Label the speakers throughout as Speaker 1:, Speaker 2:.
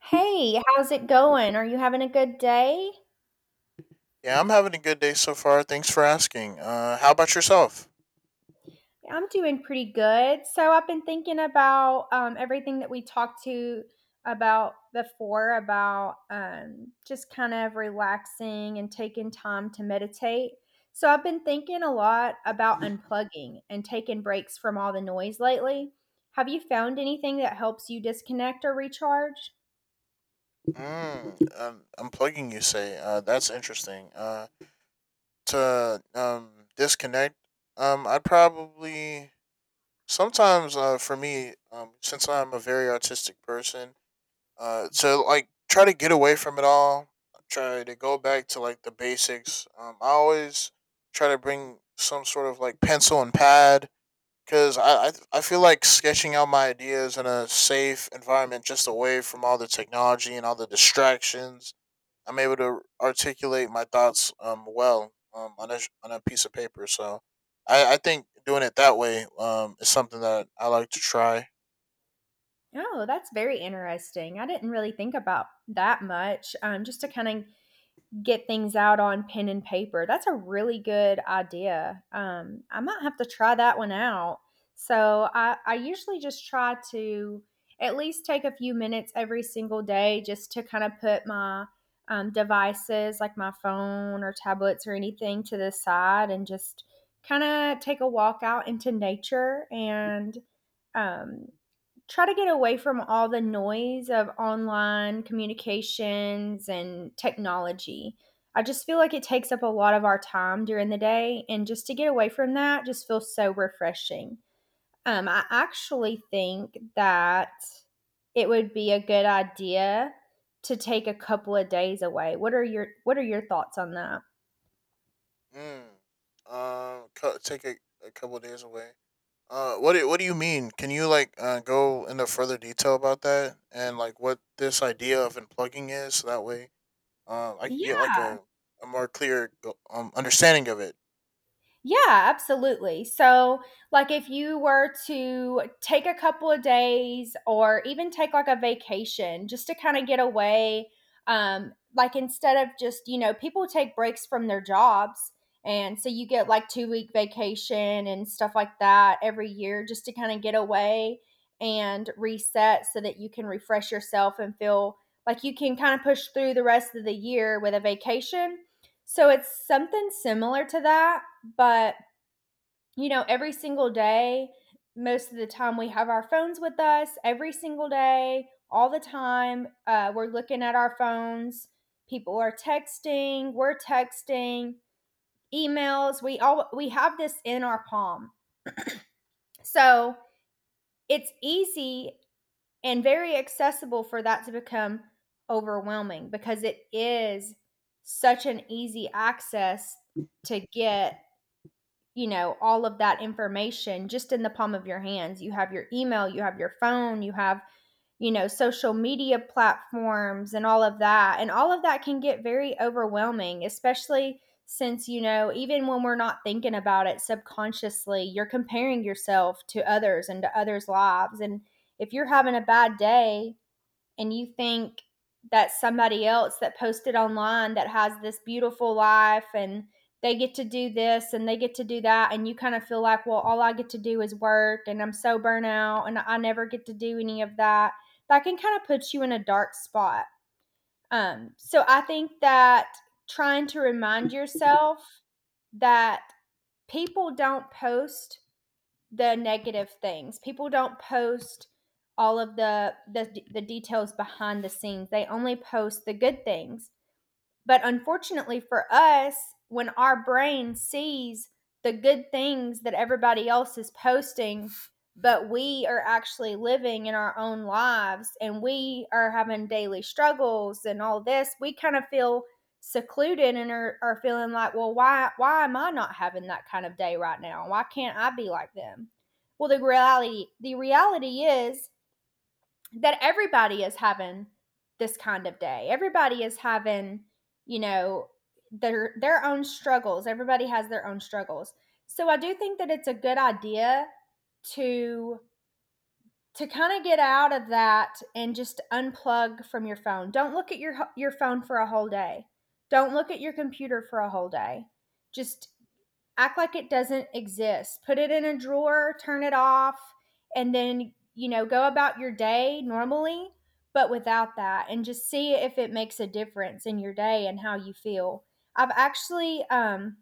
Speaker 1: Hey, how's it going? Are you having a good day?
Speaker 2: Yeah, I'm having a good day so far. Thanks for asking. How about yourself?
Speaker 1: I'm doing pretty good. So I've been thinking about everything that we talked to about before about just kind of relaxing and taking time to meditate. So I've been thinking a lot about unplugging and taking breaks from all the noise lately. Have you found anything that helps you disconnect or recharge?
Speaker 2: Unplugging, you say? That's interesting. To disconnect. I'd probably sometimes. For me, since I'm a very artistic person, to like try to get away from it all. Try to go back to like the basics. I always try to bring some sort of like pencil and pad because I feel like sketching out my ideas in a safe environment, just away from all the technology and all the distractions. I'm able to articulate my thoughts well on a on a piece of paper. So I think doing it that way is something that I like to try.
Speaker 1: Oh, that's very interesting. I didn't really think about that much. Just to kind of get things out on pen and paper. That's a really good idea. I might have to try that one out. So I usually just try to at least take a few minutes every single day just to kind of put my devices like my phone or tablets or anything to the side and just kind of take a walk out into nature and um, try to get away from all the noise of online communications and technology. I just feel like it takes up a lot of our time during the day, and just to get away from that just feels so refreshing. I actually think that it would be a good idea to take a couple of days away. What are your thoughts on that?
Speaker 2: Mm. Take a couple days away. What do you mean? Can you like go into further detail about that and like what this idea of unplugging is? That way, I could
Speaker 1: Yeah,
Speaker 2: get like a more clear understanding of it.
Speaker 1: Yeah, absolutely. So, like, if you were to take a couple of days or even take like a vacation just to kind of get away, like, instead of just, you know, people take breaks from their jobs. And so you get like 2-week vacation and stuff like that every year just to kind of get away and reset so that you can refresh yourself and feel like you can kind of push through the rest of the year with a vacation. So, it's something similar to that but, you know, every single day, most of the time, we have our phones with us. Every single day, all the time, we're looking at our phones. People are texting, we're texting, emails. We have this in our palm. So, it's easy and very accessible for that to become overwhelming because it is such an easy access to get, you know, all of that information just in the palm of your hands. You have your email, you have your phone, you have, you know, social media platforms and all of that. And all of that can get very overwhelming, especially since, you know, even when we're not thinking about it subconsciously, you're comparing yourself to others and to others' lives. And if you're having a bad day, and you think that somebody else that posted online that has this beautiful life and they get to do this and they get to do that and you kind of feel like, well, all I get to do is work and I'm so burnt out and I never get to do any of that, that can kind of put you in a dark spot. So I think that trying to remind yourself that people don't post the negative things. People don't post all of the details behind the scenes. They only post the good things. But unfortunately for us, when our brain sees the good things that everybody else is posting, but we are actually living in our own lives and we are having daily struggles and all this, we kind of feel secluded and are feeling like, well, why am I not having that kind of day right now? Why can't I be like them? Well, the reality is that everybody is having this kind of day. Everybody is having, you know, their own struggles. Everybody has their own struggles. So I do think that it's a good idea to to kind of get out of that and just unplug from your phone. Don't look at your phone for a whole day. Don't look at your computer for a whole day. Just act like it doesn't exist. Put it in a drawer, turn it off, and then, you know, go about your day normally, but without that and just see if it makes a difference in your day and how you feel. I've actually um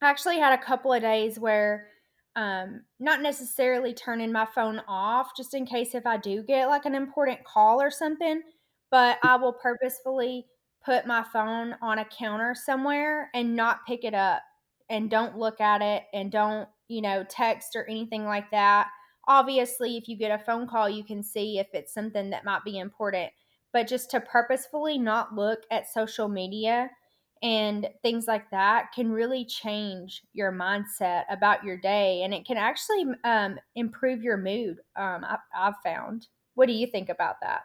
Speaker 1: I actually had a couple of days where not necessarily turning my phone off just in case if I do get like an important call or something, but I will purposefully put my phone on a counter somewhere and not pick it up and don't look at it and don't, you know, text or anything like that. Obviously, if you get a phone call, you can see if it's something that might be important, but just to purposefully not look at social media and things like that can really change your mindset about your day and it can actually improve your mood, I've found. What do you think about that?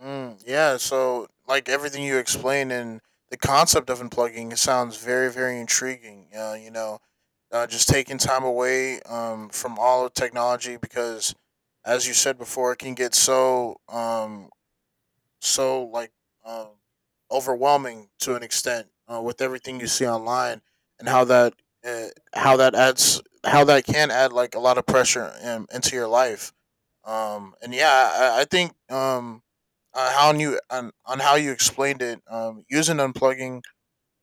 Speaker 2: Yeah, so like everything you explained and the concept of unplugging, it sounds very, very intriguing. Just taking time away, from all of technology because, as you said before, it can get so like um, overwhelming to an extent, with everything you see online and uh, how that can add like a lot of pressure into your life. And Yeah, I think, on how you explained it, using unplugging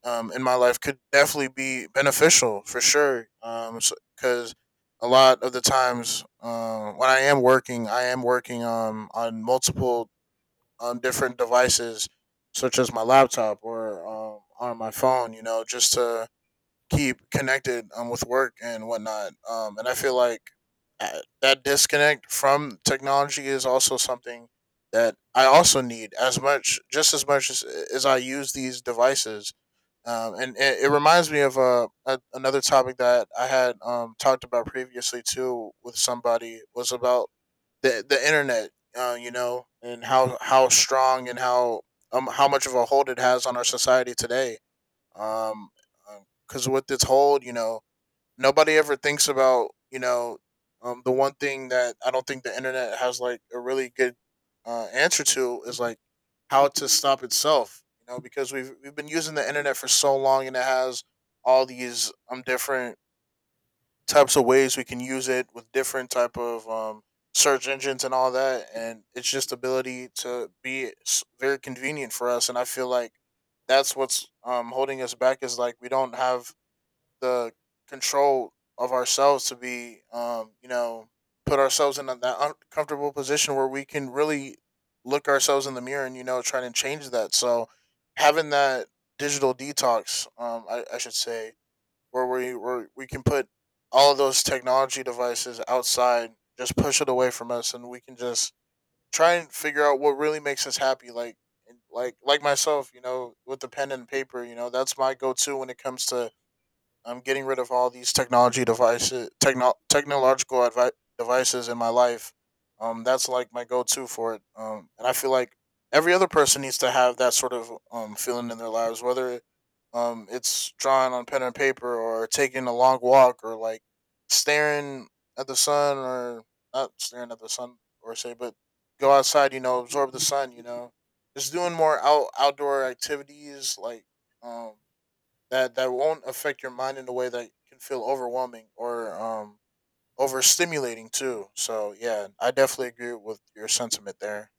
Speaker 2: in my life could definitely be beneficial for sure. Because a lot of the times, when I am working on multiple different devices, such as my laptop or on my phone. You know, just to keep connected, with work and whatnot. And I feel like that disconnect from technology is also something that I also need as much, just as much as I use these devices. And it, it reminds me of another topic that I had, talked about previously too with somebody, was about the internet, you know, and how strong and how, how much of a hold it has on our society today, um because with this whole, you know, nobody ever thinks about, you know, the one thing that I don't think the internet has like a really good answer to is like how to stop itself, you know, because we've been using the internet for so long and it has all these different types of ways we can use it, with different type of, search engines and all that, and it's just ability to be very convenient for us. And I feel like that's what's, holding us back is like we don't have the control of ourselves to be, you know, put ourselves in that uncomfortable position where we can really look ourselves in the mirror and, you know, try to change that. So having that digital detox, I should say, where we can put all of those technology devices outside, just push it away from us, and we can just try and figure out what really makes us happy. Like myself, you know, with the pen and paper, you know, that's my go to when it comes to I'm getting rid of all these technology devices, technological devices in my life. That's like my go-to for it. And I feel like every other person needs to have that sort of feeling in their lives, whether it's drawing on pen and paper, or taking a long walk, or like staring at the sun, or not staring at the sun, or say, but go outside. You know, absorb the sun. You know, just doing more outdoor activities like um that that won't affect your mind in a way that can feel overwhelming or overstimulating too. So yeah, I definitely agree with your sentiment there.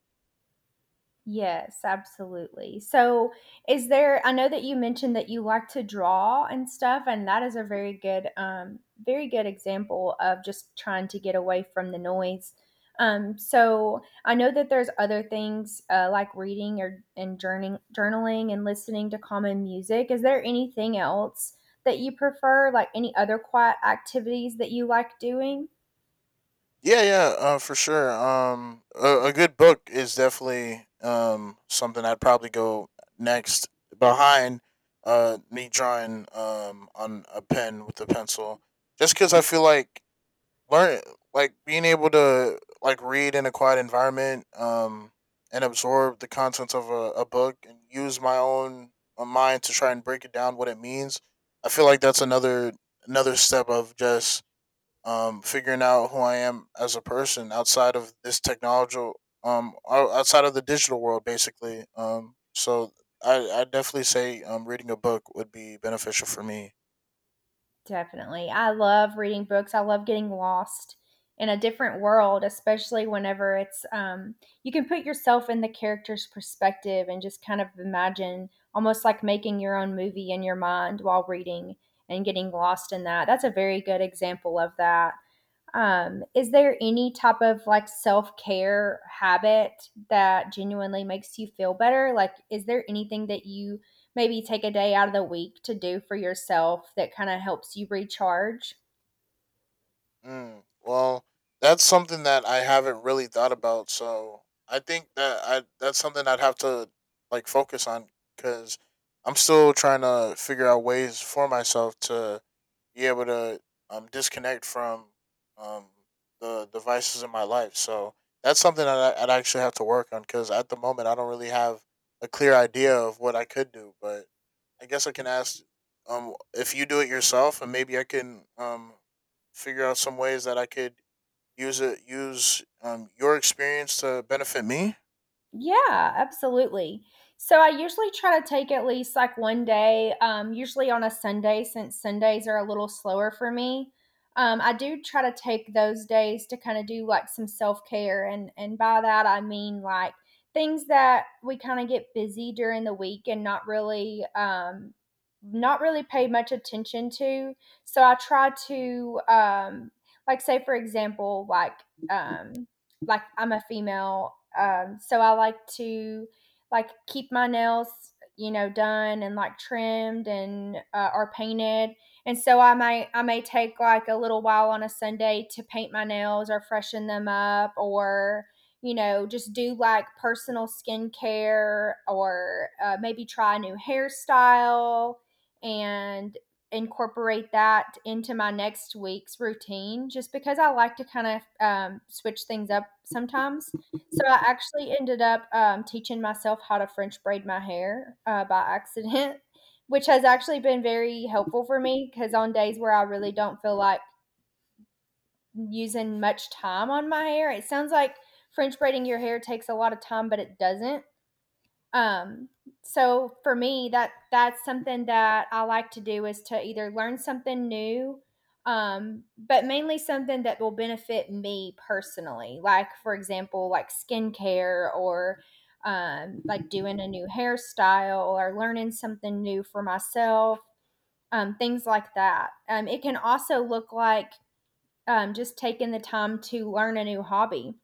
Speaker 1: Yes, absolutely. So, is there I know that you mentioned that you like to draw and stuff, and that is a very good very good example of just trying to get away from the noise. Um, so I know that there's other things like reading or and journaling, journaling and listening to common music. Is there anything else that you prefer, like any other quiet activities that you like doing?
Speaker 2: Yeah, yeah, for sure. A good book is definitely something I'd probably go next behind me drawing on a pen with a pencil, just because I feel like learn like being able to like read in a quiet environment, and absorb the contents of a book, and use my own mind to try and break it down what it means. I feel like that's another step of just figuring out who I am as a person outside of this technological outside of the digital world basically. So I definitely say reading a book would be beneficial for me.
Speaker 1: Definitely. I love reading books. I love getting lost in a different world, especially whenever it's you can put yourself in the character's perspective and just kind of imagine almost like making your own movie in your mind while reading and getting lost in that. That's a very good example of that. Is there any type of like self care habit that genuinely makes you feel better? Like, is there anything that you maybe take a day out of the week to do for yourself that kind of helps you recharge?
Speaker 2: Mm, well, that's something that I haven't really thought about. So I think that I that's something I'd have to like focus on, because I'm still trying to figure out ways for myself to be able to disconnect from um the devices in my life. So that's something that I'd actually have to work on, because at the moment I don't really have a clear idea of what I could do. But I guess I can ask, if you do it yourself, and maybe I can figure out some ways that I could use, your experience to benefit me.
Speaker 1: Yeah, absolutely. So I usually try to take at least like one day, usually on a Sunday, since Sundays are a little slower for me. I do try to take those days to kind of do like some self care, and by that I mean like things that we kind of get busy during the week and not really not really pay much attention to. So I try to like say for example um, like I'm a female, so I like to like keep my nails, you know, done and like trimmed and or painted. And so I may take like a little while on a Sunday to paint my nails or freshen them up or, you know, just do like personal skincare or maybe try a new hairstyle and incorporate that into my next week's routine just because I like to kind of switch things up sometimes. So I actually ended up teaching myself how to French braid my hair by accident, which has actually been very helpful for me because on days where I really don't feel like using much time on my hair, it sounds like French braiding your hair takes a lot of time, but it doesn't. um so for me, that that's something that I like to do, is to either learn something new, but mainly something that will benefit me personally, like for example like skincare or like doing a new hairstyle or learning something new for myself. Things like that. It can also look like just taking the time to learn a new hobby.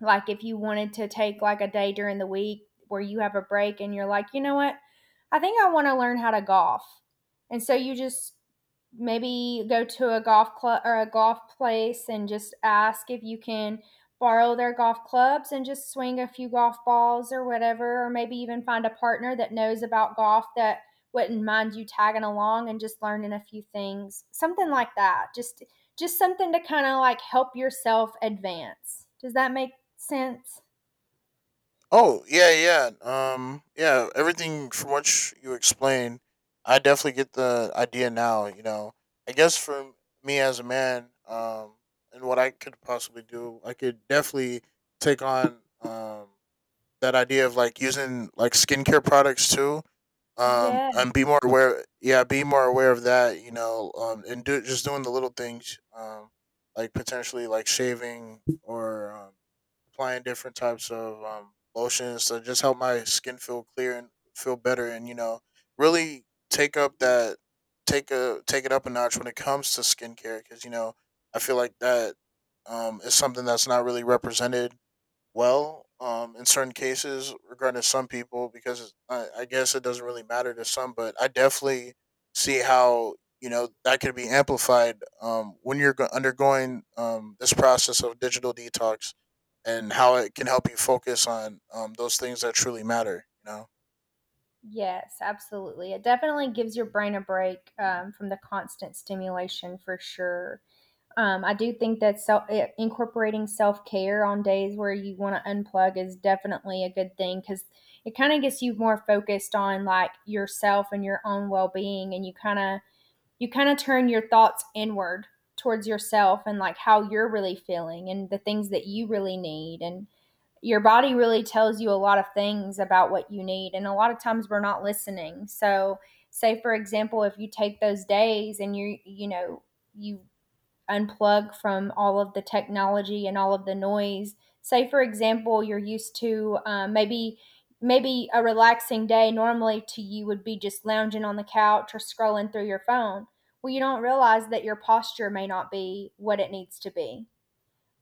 Speaker 1: Like if you wanted to take like a day during the week where you have a break and you're like, you know what? I think I want to learn how to golf. And so you just maybe go to a golf club or a golf place and just ask if you can borrow their golf clubs and just swing a few golf balls or whatever, or maybe even find a partner that knows about golf that wouldn't mind you tagging along and just learning a few things. Something like that. Just something to kind of like help yourself advance. Does that make since?
Speaker 2: Oh yeah, yeah, yeah. Everything from what you explained, I definitely get the idea now. You know, I guess for me as a man, and what I could possibly do, I could definitely take on, that idea of like using like skincare products too,
Speaker 1: Yeah,
Speaker 2: and be more aware, yeah, be more aware of that, you know, and do just doing the little things, like potentially like shaving, or applying different types of lotions to just help my skin feel clear and feel better. And, you know, really take up that, take it up a notch when it comes to skincare. Because, you know, I feel like that is something that's not really represented well, in certain cases regarding some people, because I guess it doesn't really matter to some. But I definitely see how, you know, that could be amplified, when you're undergoing, this process of digital detox, and how it can help you focus on, those things that truly matter, you know.
Speaker 1: yes, absolutely. It definitely gives your brain a break, from the constant stimulation for sure. I do think that I- incorporating self-care on days where you want to unplug is definitely a good thing because it kind of gets you more focused on like yourself and your own well-being, and you kind of turn your thoughts inward towards yourself and like how you're really feeling and the things that you really need. And your body really tells you a lot of things about what you need, and a lot of times we're not listening. So say for example, if you take those days and you know, you unplug from all of the technology and all of the noise. Say, for example, you're used to maybe a relaxing day normally to you would be just lounging on the couch or scrolling through your phone. Well, you don't realize that your posture may not be what it needs to be.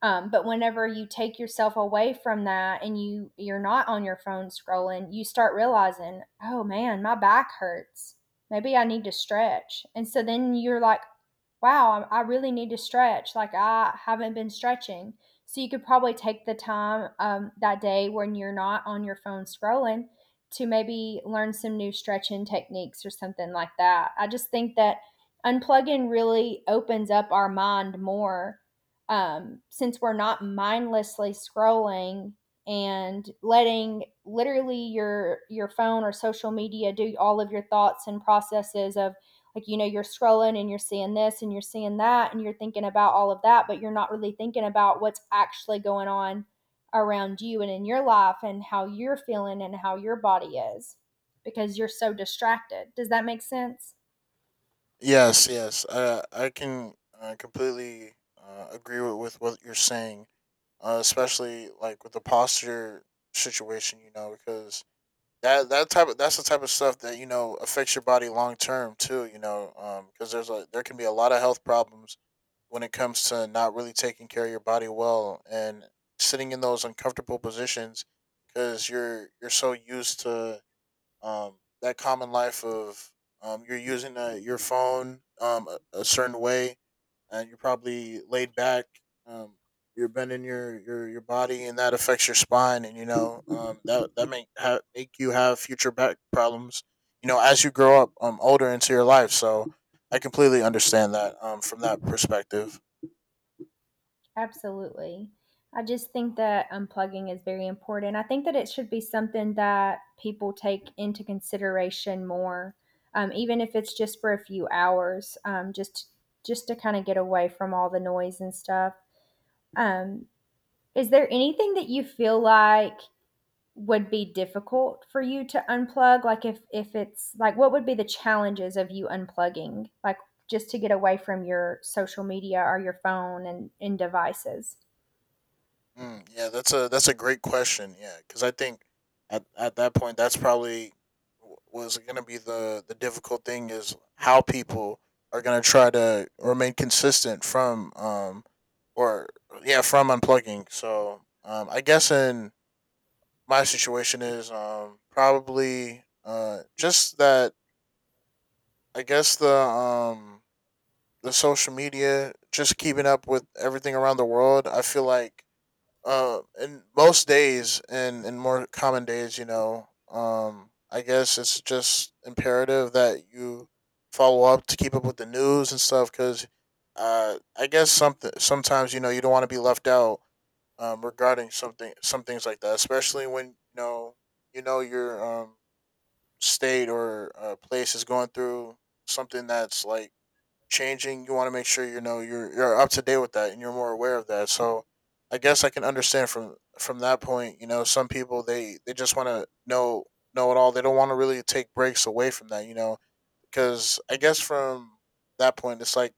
Speaker 1: But whenever you take yourself away from that and you're not on your phone scrolling, you start realizing, oh man, my back hurts. Maybe I need to stretch. And so then you're like, wow, I really need to stretch. Like I haven't been stretching. So you could probably take the time that day when you're not on your phone scrolling to maybe learn some new stretching techniques or something like that. I just think that unplugging really opens up our mind more, since we're not mindlessly scrolling and letting literally your phone or social media do all of your thoughts and processes of, like, you know, you're scrolling and you're seeing this and you're seeing that and you're thinking about all of that, but you're not really thinking about what's actually going on around you and in your life and how you're feeling and how your body is because you're so distracted. Does that make sense?
Speaker 2: Yes, yes, I can, completely, agree with what you're saying, especially like with the posture situation, you know. Because that's the type of stuff that, you know, affects your body long term too. You know, because there can be a lot of health problems when it comes to not really taking care of your body well, and sitting in those uncomfortable positions, because you're so used to, that common life of, you're using your phone, a certain way, and you're probably laid back. Um, you're bending your body, and that affects your spine. And, you know, that make you have future back problems, you know, as you grow up, older into your life. So, I completely understand that, from that perspective.
Speaker 1: Absolutely. I just think that unplugging is very important. I think that it should be something that people take into consideration more, even if it's just for a few hours, just to kind of get away from all the noise and stuff. Um, is there anything that you feel like would be difficult for you to unplug? Like if it's like what would be the challenges of you unplugging? Like just to get away from your social media or your phone and devices?
Speaker 2: Yeah, that's a great question. Yeah, because I think at that point, that's probably was going to be the difficult thing, is how people are going to try to remain consistent from or yeah, from unplugging. So, I guess in my situation is, probably just that I guess the, the social media, just keeping up with everything around the world. I feel like, and most days, and more common days, you know, I guess it's just imperative that you follow up to keep up with the news and stuff. Because, I guess something sometimes, you know, you don't want to be left out, regarding some things like that, especially when, you know, you know your, state, or, place is going through something that's like changing, you want to make sure, you know, you're up to date with that, and you're more aware of that. So I guess I can understand from that point, you know, some people, they just want to know it all. They don't want to really take breaks away from that, you know, because I guess from that point it's like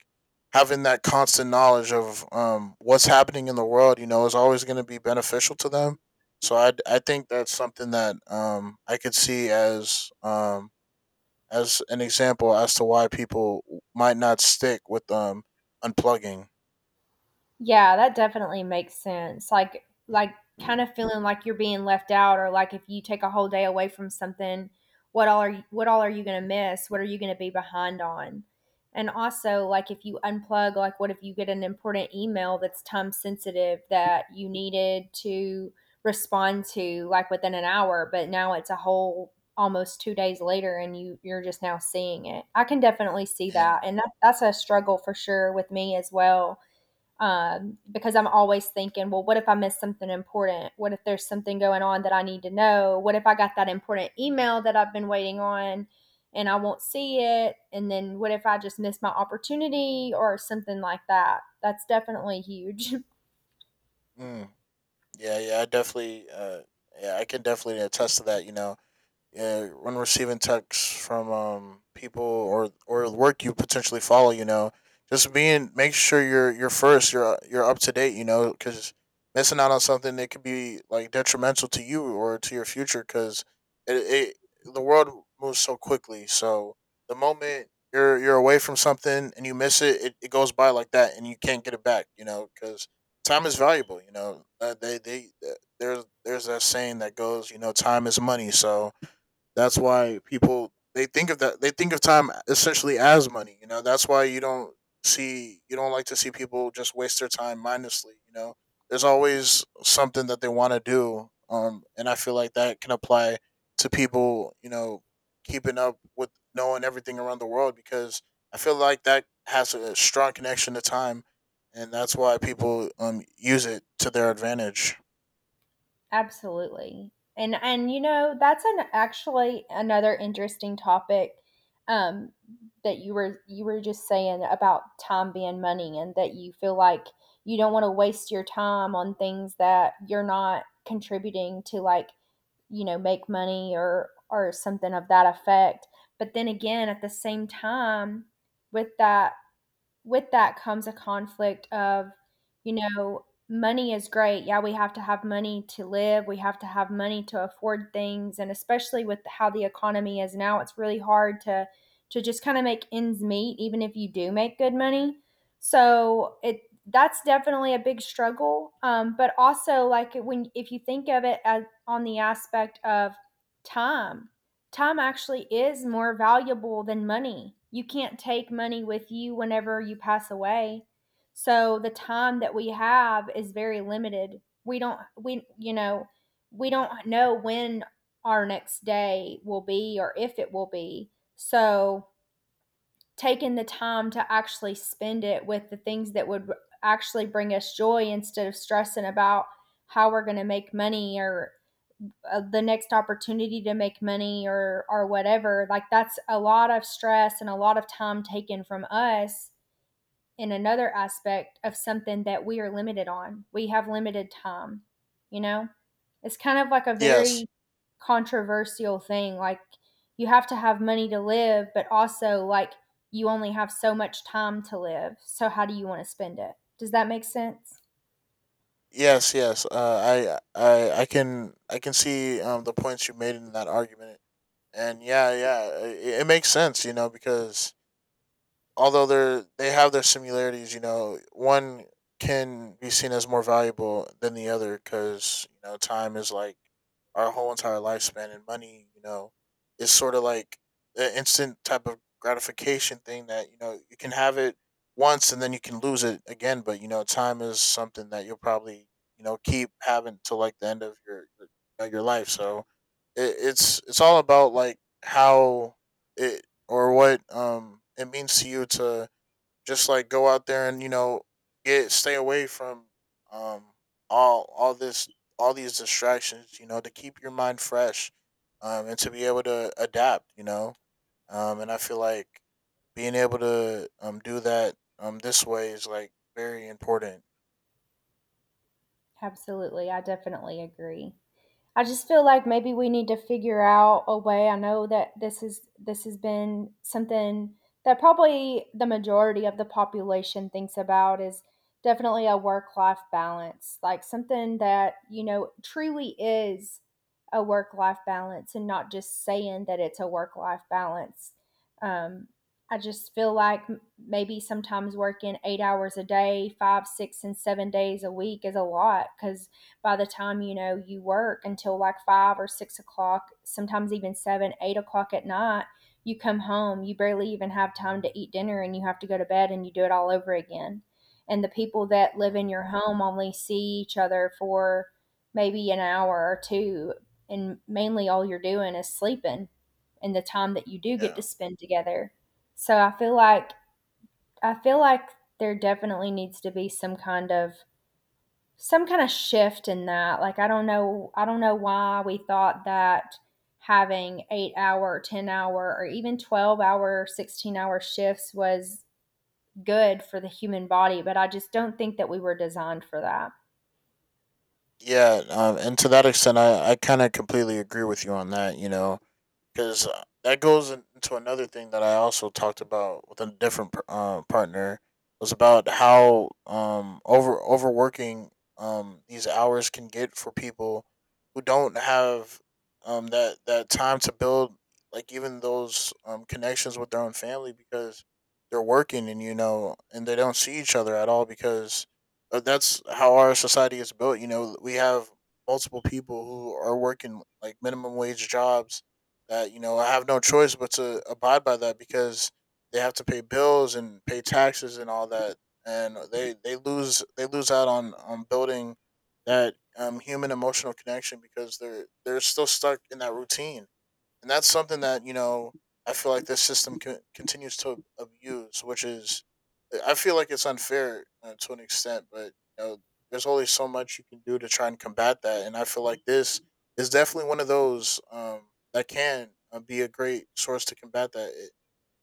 Speaker 2: having that constant knowledge of, what's happening in the world, you know, is always going to be beneficial to them. So I think that's something that I could see as an example as to why people might not stick with unplugging.
Speaker 1: Yeah, that definitely makes sense. Like kind of feeling like you're being left out or like if you take a whole day away from something, what all are you going to miss? What are you going to be behind on? And also like if you unplug, like what if you get an important email that's time sensitive that you needed to respond to like within an hour, but now it's a whole almost 2 days later and you're just now seeing it. I can definitely see
Speaker 2: Yeah.
Speaker 1: that and that's a struggle for sure with me as well, because I'm always thinking, well, what if I missed something important? What if there's something going on that I need to know? What if I got that important email that I've been waiting on and I won't see it? And then what if I just miss my opportunity or something like that? That's definitely huge.
Speaker 2: Mm. Yeah, yeah, I definitely yeah, I can definitely attest to that, you know. Yeah, when receiving texts from people or work you potentially follow, you know, just being make sure you're first, you're up to date, you know, because missing out on something that could be like detrimental to you or to your future, because it, it the world moves so quickly. So the moment you're away from something and you miss it, it goes by like that, and you can't get it back, you know, because time is valuable. You know, they there's that saying that goes, you know, time is money, so that's why people they think of time essentially as money. You know, that's why you don't like to see people just waste their time mindlessly. You know, there's always something that they want to do. And I feel like that can apply to people. You know, keeping up with knowing everything around the world because I feel like that has a strong connection to time, and that's why people use it to their advantage.
Speaker 1: Absolutely. And you know, that's an actually another interesting topic um that you were just saying about time being money and that you feel like you don't want to waste your time on things that you're not contributing to, like, you know, make money or something of that effect. But then again, at the same time with that with that comes a conflict of, you know, money is great. Yeah, we have to have money to live, we have to have money to afford things, and especially with how the economy is now, it's really hard to just kind of make ends meet even if you do make good money. So, it that's definitely a big struggle, but also like when, if you think of it as on the aspect of time, time actually is more valuable than money. You can't take money with you whenever you pass away. So the time that we have is very limited. We don't know when our next day will be or if it will be. So taking the time to actually spend it with the things that would actually bring us joy instead of stressing about how we're going to make money or the next opportunity to make money or whatever, like that's a lot of stress and a lot of time taken from us in another aspect of something that we are limited on. We have limited time, you know. It's kind of like a
Speaker 2: Yes.
Speaker 1: very controversial thing, like you have to have money to live, but also like you only have so much time to live. So how do you want to spend it? Does that make sense?
Speaker 2: Yes, yes. I can see the points you made in that argument, and yeah, yeah, it makes sense, you know, because although they have their similarities, you know, one can be seen as more valuable than the other because you know time is like our whole entire lifespan, and money, you know, is sort of like an instant type of gratification thing that you know you can have it once and then you can lose it again, but you know, time is something that you'll probably you know keep having till like the end of your life. So it's all about like how it or what it means to you to just like go out there and you know get stay away from um all this all these distractions you know to keep your mind fresh and to be able to adapt you know and I feel like being able to do that this way is like very important.
Speaker 1: Absolutely. I definitely agree. I just feel like maybe we need to figure out a way. I know that this has been something that probably the majority of the population thinks about is definitely a work-life balance, like something that, you know, truly is a work-life balance and not just saying that it's a work-life balance. Um, I just feel like maybe sometimes working 8 hours a day, 5, 6, and 7 days a week is a lot because by the time, you know, you work until like 5 or 6 o'clock, sometimes even 7, 8 o'clock at night, you come home, you barely even have time to eat dinner, and you have to go to bed, and you do it all over again, and the people that live
Speaker 2: um,
Speaker 1: in your home only see each other for maybe an hour or two, and mainly all you're doing is sleeping and the time that you do get to
Speaker 2: yeah,
Speaker 1: spend together. So I feel like there definitely needs to be some kind of shift in that. Like I don't know why we thought that having 8 hour, 10 hour or even 12 hour, 16-hour shifts was good for the human body, but I just don't think that we were designed for that.
Speaker 2: yeah. And to that extent I kind of completely agree with you on that you know because that goes into another thing that I also talked about with a different partner, was about how overworking these hours can get for people who don't have that time to build like even those connections with their own family because they're working and you know and they don't see each other at all because that's how our society is built. You know, we have multiple people who are working like minimum wage jobs that you know I have no choice but to abide by that because they have to pay bills and pay taxes and all that, and they lose out on building that human emotional connection because they're still stuck in that routine, and that's something that you know I feel like this system continues to abuse, which is I feel like it's unfair to an extent, but you know there's only so much you can do to try and combat that, and I feel like this is definitely one of those that can be a great source to combat that,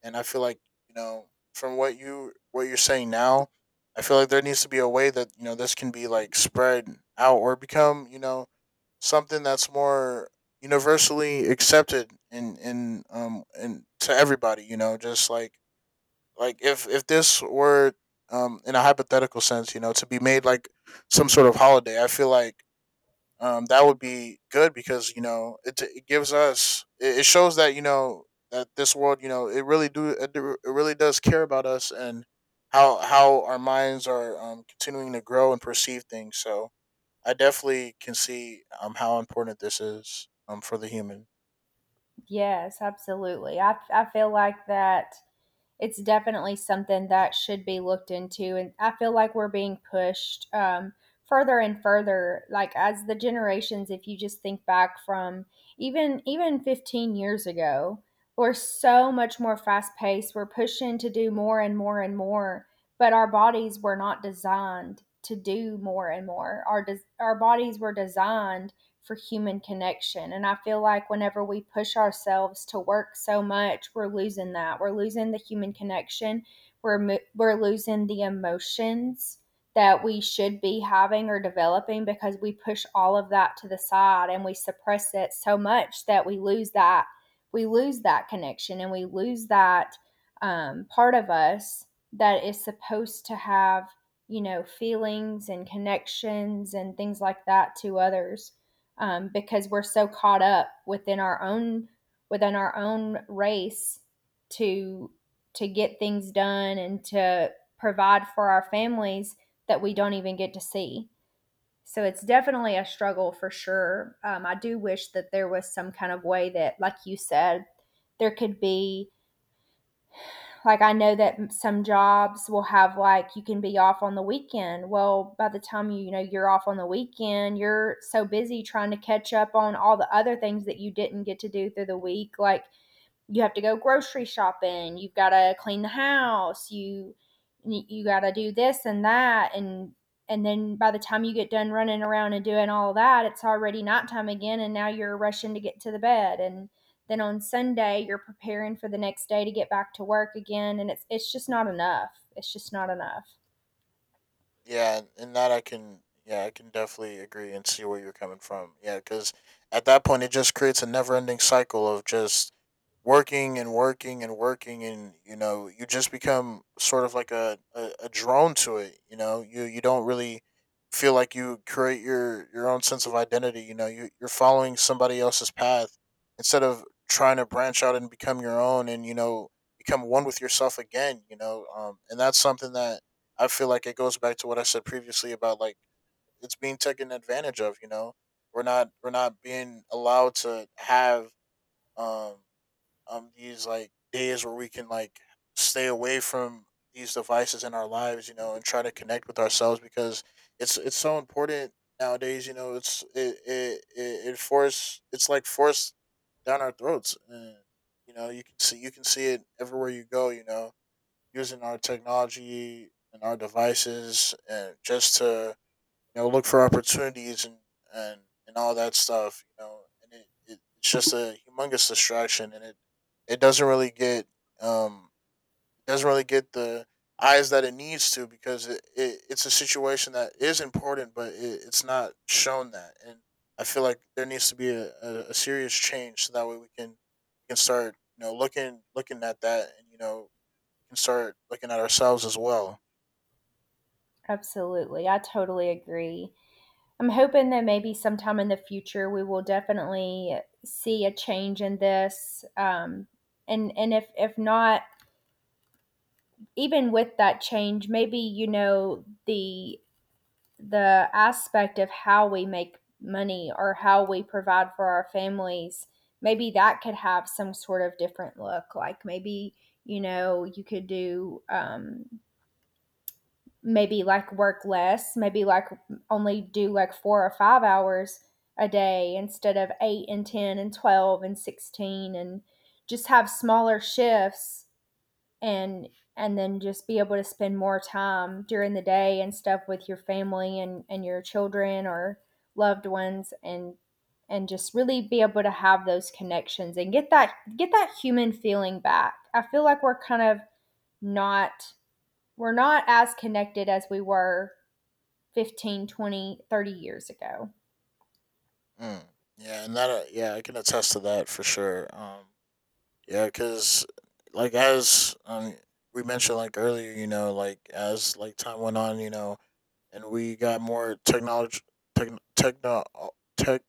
Speaker 2: and I feel like you know from what you're saying now. I feel like there needs to be a way that you know this can be like spread out or become you know something that's more universally accepted in to everybody, you know, just like if this were in a hypothetical sense you know to be made like some sort of holiday. I feel like that would be good because you know it gives us it shows that you know that this world you know it really does care about us and how our minds are continuing to grow and perceive things. So I definitely can see how important this is for the human.
Speaker 1: Yes, absolutely. I feel like that it's definitely something that should be looked into. And I feel like we're being pushed further and further, like as the generations. If you just think back from even 15 years ago, we're so much more fast paced. We're pushing to do more and more and more, but our bodies were not designed to do more and more. Our bodies were designed for human connection. And I feel like whenever we push ourselves to work so much, we're losing that. We're losing the human connection. We're we're losing the emotions that we should be having or developing because we push all of that to the side and we suppress it so much that we lose that connection and we lose that part of us that is supposed to have, you know, feelings and connections and things like that to others, because we're so caught up within our own race to to get things done and to provide for our families that we don't even get to see. So it's definitely a struggle for sure. I do wish that there was some kind of way that, like you said, there could be, like I know that some jobs will have like you can be off on the weekend. Well, by the time you know you're off on the weekend, you're so busy trying to catch up on all the other things that you didn't get to do through the week. Like you have to go grocery shopping, you've got to clean the house, you got to do this and that, and then by the time you get done running around and doing all that, it's already nighttime again, and now you're rushing to get to the bed, and then on Sunday you're preparing for the next day to get back to work again, and it's just not enough. It's just not enough.
Speaker 2: Yeah, and that I can, yeah, I can definitely agree and see where you're coming from. Yeah, because at that point, it just creates a never-ending cycle of just working and working and working, and you know, you just become sort of like a drone to it. You know, you don't really feel like you create your own sense of identity. You know, you you're following somebody else's path instead of trying to branch out and become your own, and you know, become one with yourself again. You know, and that's something that I feel like it goes back to what I said previously about like it's being taken advantage of. You know, we're not being allowed to have um these like days where we can like stay away from these devices in our lives. You know, and try to connect with ourselves because it's so important nowadays. You know, it's it it it, it force it's like forced down our throats. And, you know, you can see it everywhere you go. You know, using our technology and our devices and just to you know look for opportunities and and and all that stuff you know and it's just a humongous distraction and it doesn't really get um the eyes that it needs to because it it's a situation that is important but it's not shown that, and I feel like there needs to be a serious change so that way we can start you know looking at that, and you know can start looking at ourselves as well.
Speaker 1: Absolutely. I totally agree. I'm hoping that maybe sometime in the future we will definitely see a change in this. And if not, even with that change, maybe you know the aspect of how we make money or how we provide for our families, maybe that could have some sort of different look. Like maybe you know you could do maybe like work less, maybe like only do like 4 or 5 hours a day instead of 8 and 10 and 12 and 16 and just have smaller shifts and and then just be able to spend more time during the day and stuff with your family and your children or loved ones and just really be able to have those connections and get that human feeling back. I feel like we're kind of not. We're not as connected as we were 15, 20, 30 years ago.
Speaker 2: Mm. Yeah, and that yeah, I can attest to that for sure. Yeah, because like as we mentioned like earlier, you know, like as like time went on, you know, and we got more technology, tech, techno, tech,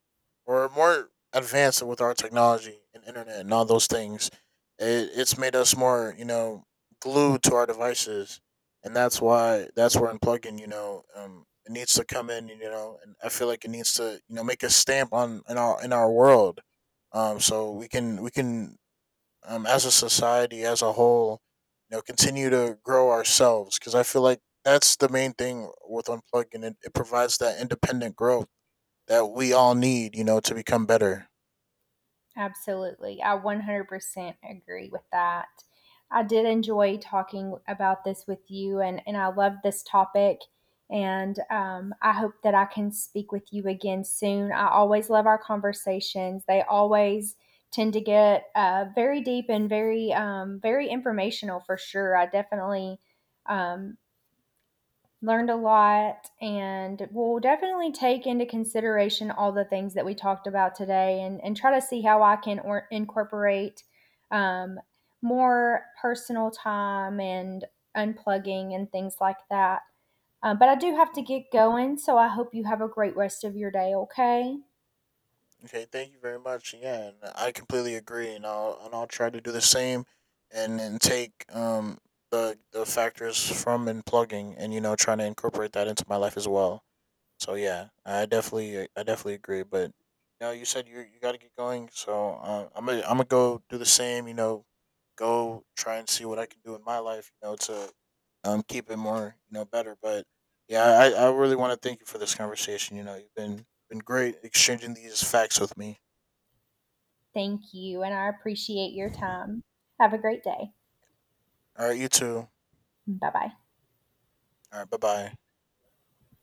Speaker 2: or more advanced with our technology and internet and all those things. It's made us more, you know, glued to our devices, and that's why that's where unplugging, you know, it needs to come in, you know, and I feel like it needs to, you know, make a stamp on in our world. So we can as a society as a whole you know continue to grow ourselves, because I feel like that's the main thing with unplugging. It provides that independent growth that we all need you know to become better.
Speaker 1: Absolutely. I 100% agree with that. I did enjoy talking about this with you, and I love this topic. And I hope that I can speak with you again soon. I always love our conversations, they always tend to get very deep and very, very informational for sure. I definitely um, learned a lot and we'll definitely take into consideration all the things that we talked about today, and try to see how I can or incorporate um, more personal time and unplugging and things like that. But I do have to
Speaker 2: Mm.
Speaker 1: get going, so I hope you have a great rest of your day, okay?
Speaker 2: Okay, thank you very much. Yeah, and I completely agree, and I'll try to do the same and take the factors from unplugging, and you know trying to incorporate that into my life as well. So yeah, I definitely agree. But you know, you said you you got to get going, so I'm gonna go do the same. You know, go try and see what I can do in my life. You know, to keep it more you know better. But yeah, I really want to thank you for this conversation. You know, you've been great exchanging these facts with me.
Speaker 1: Thank you, and I appreciate your time. Have a great day.
Speaker 2: All right, you too.
Speaker 1: Bye bye.
Speaker 2: All right, bye bye.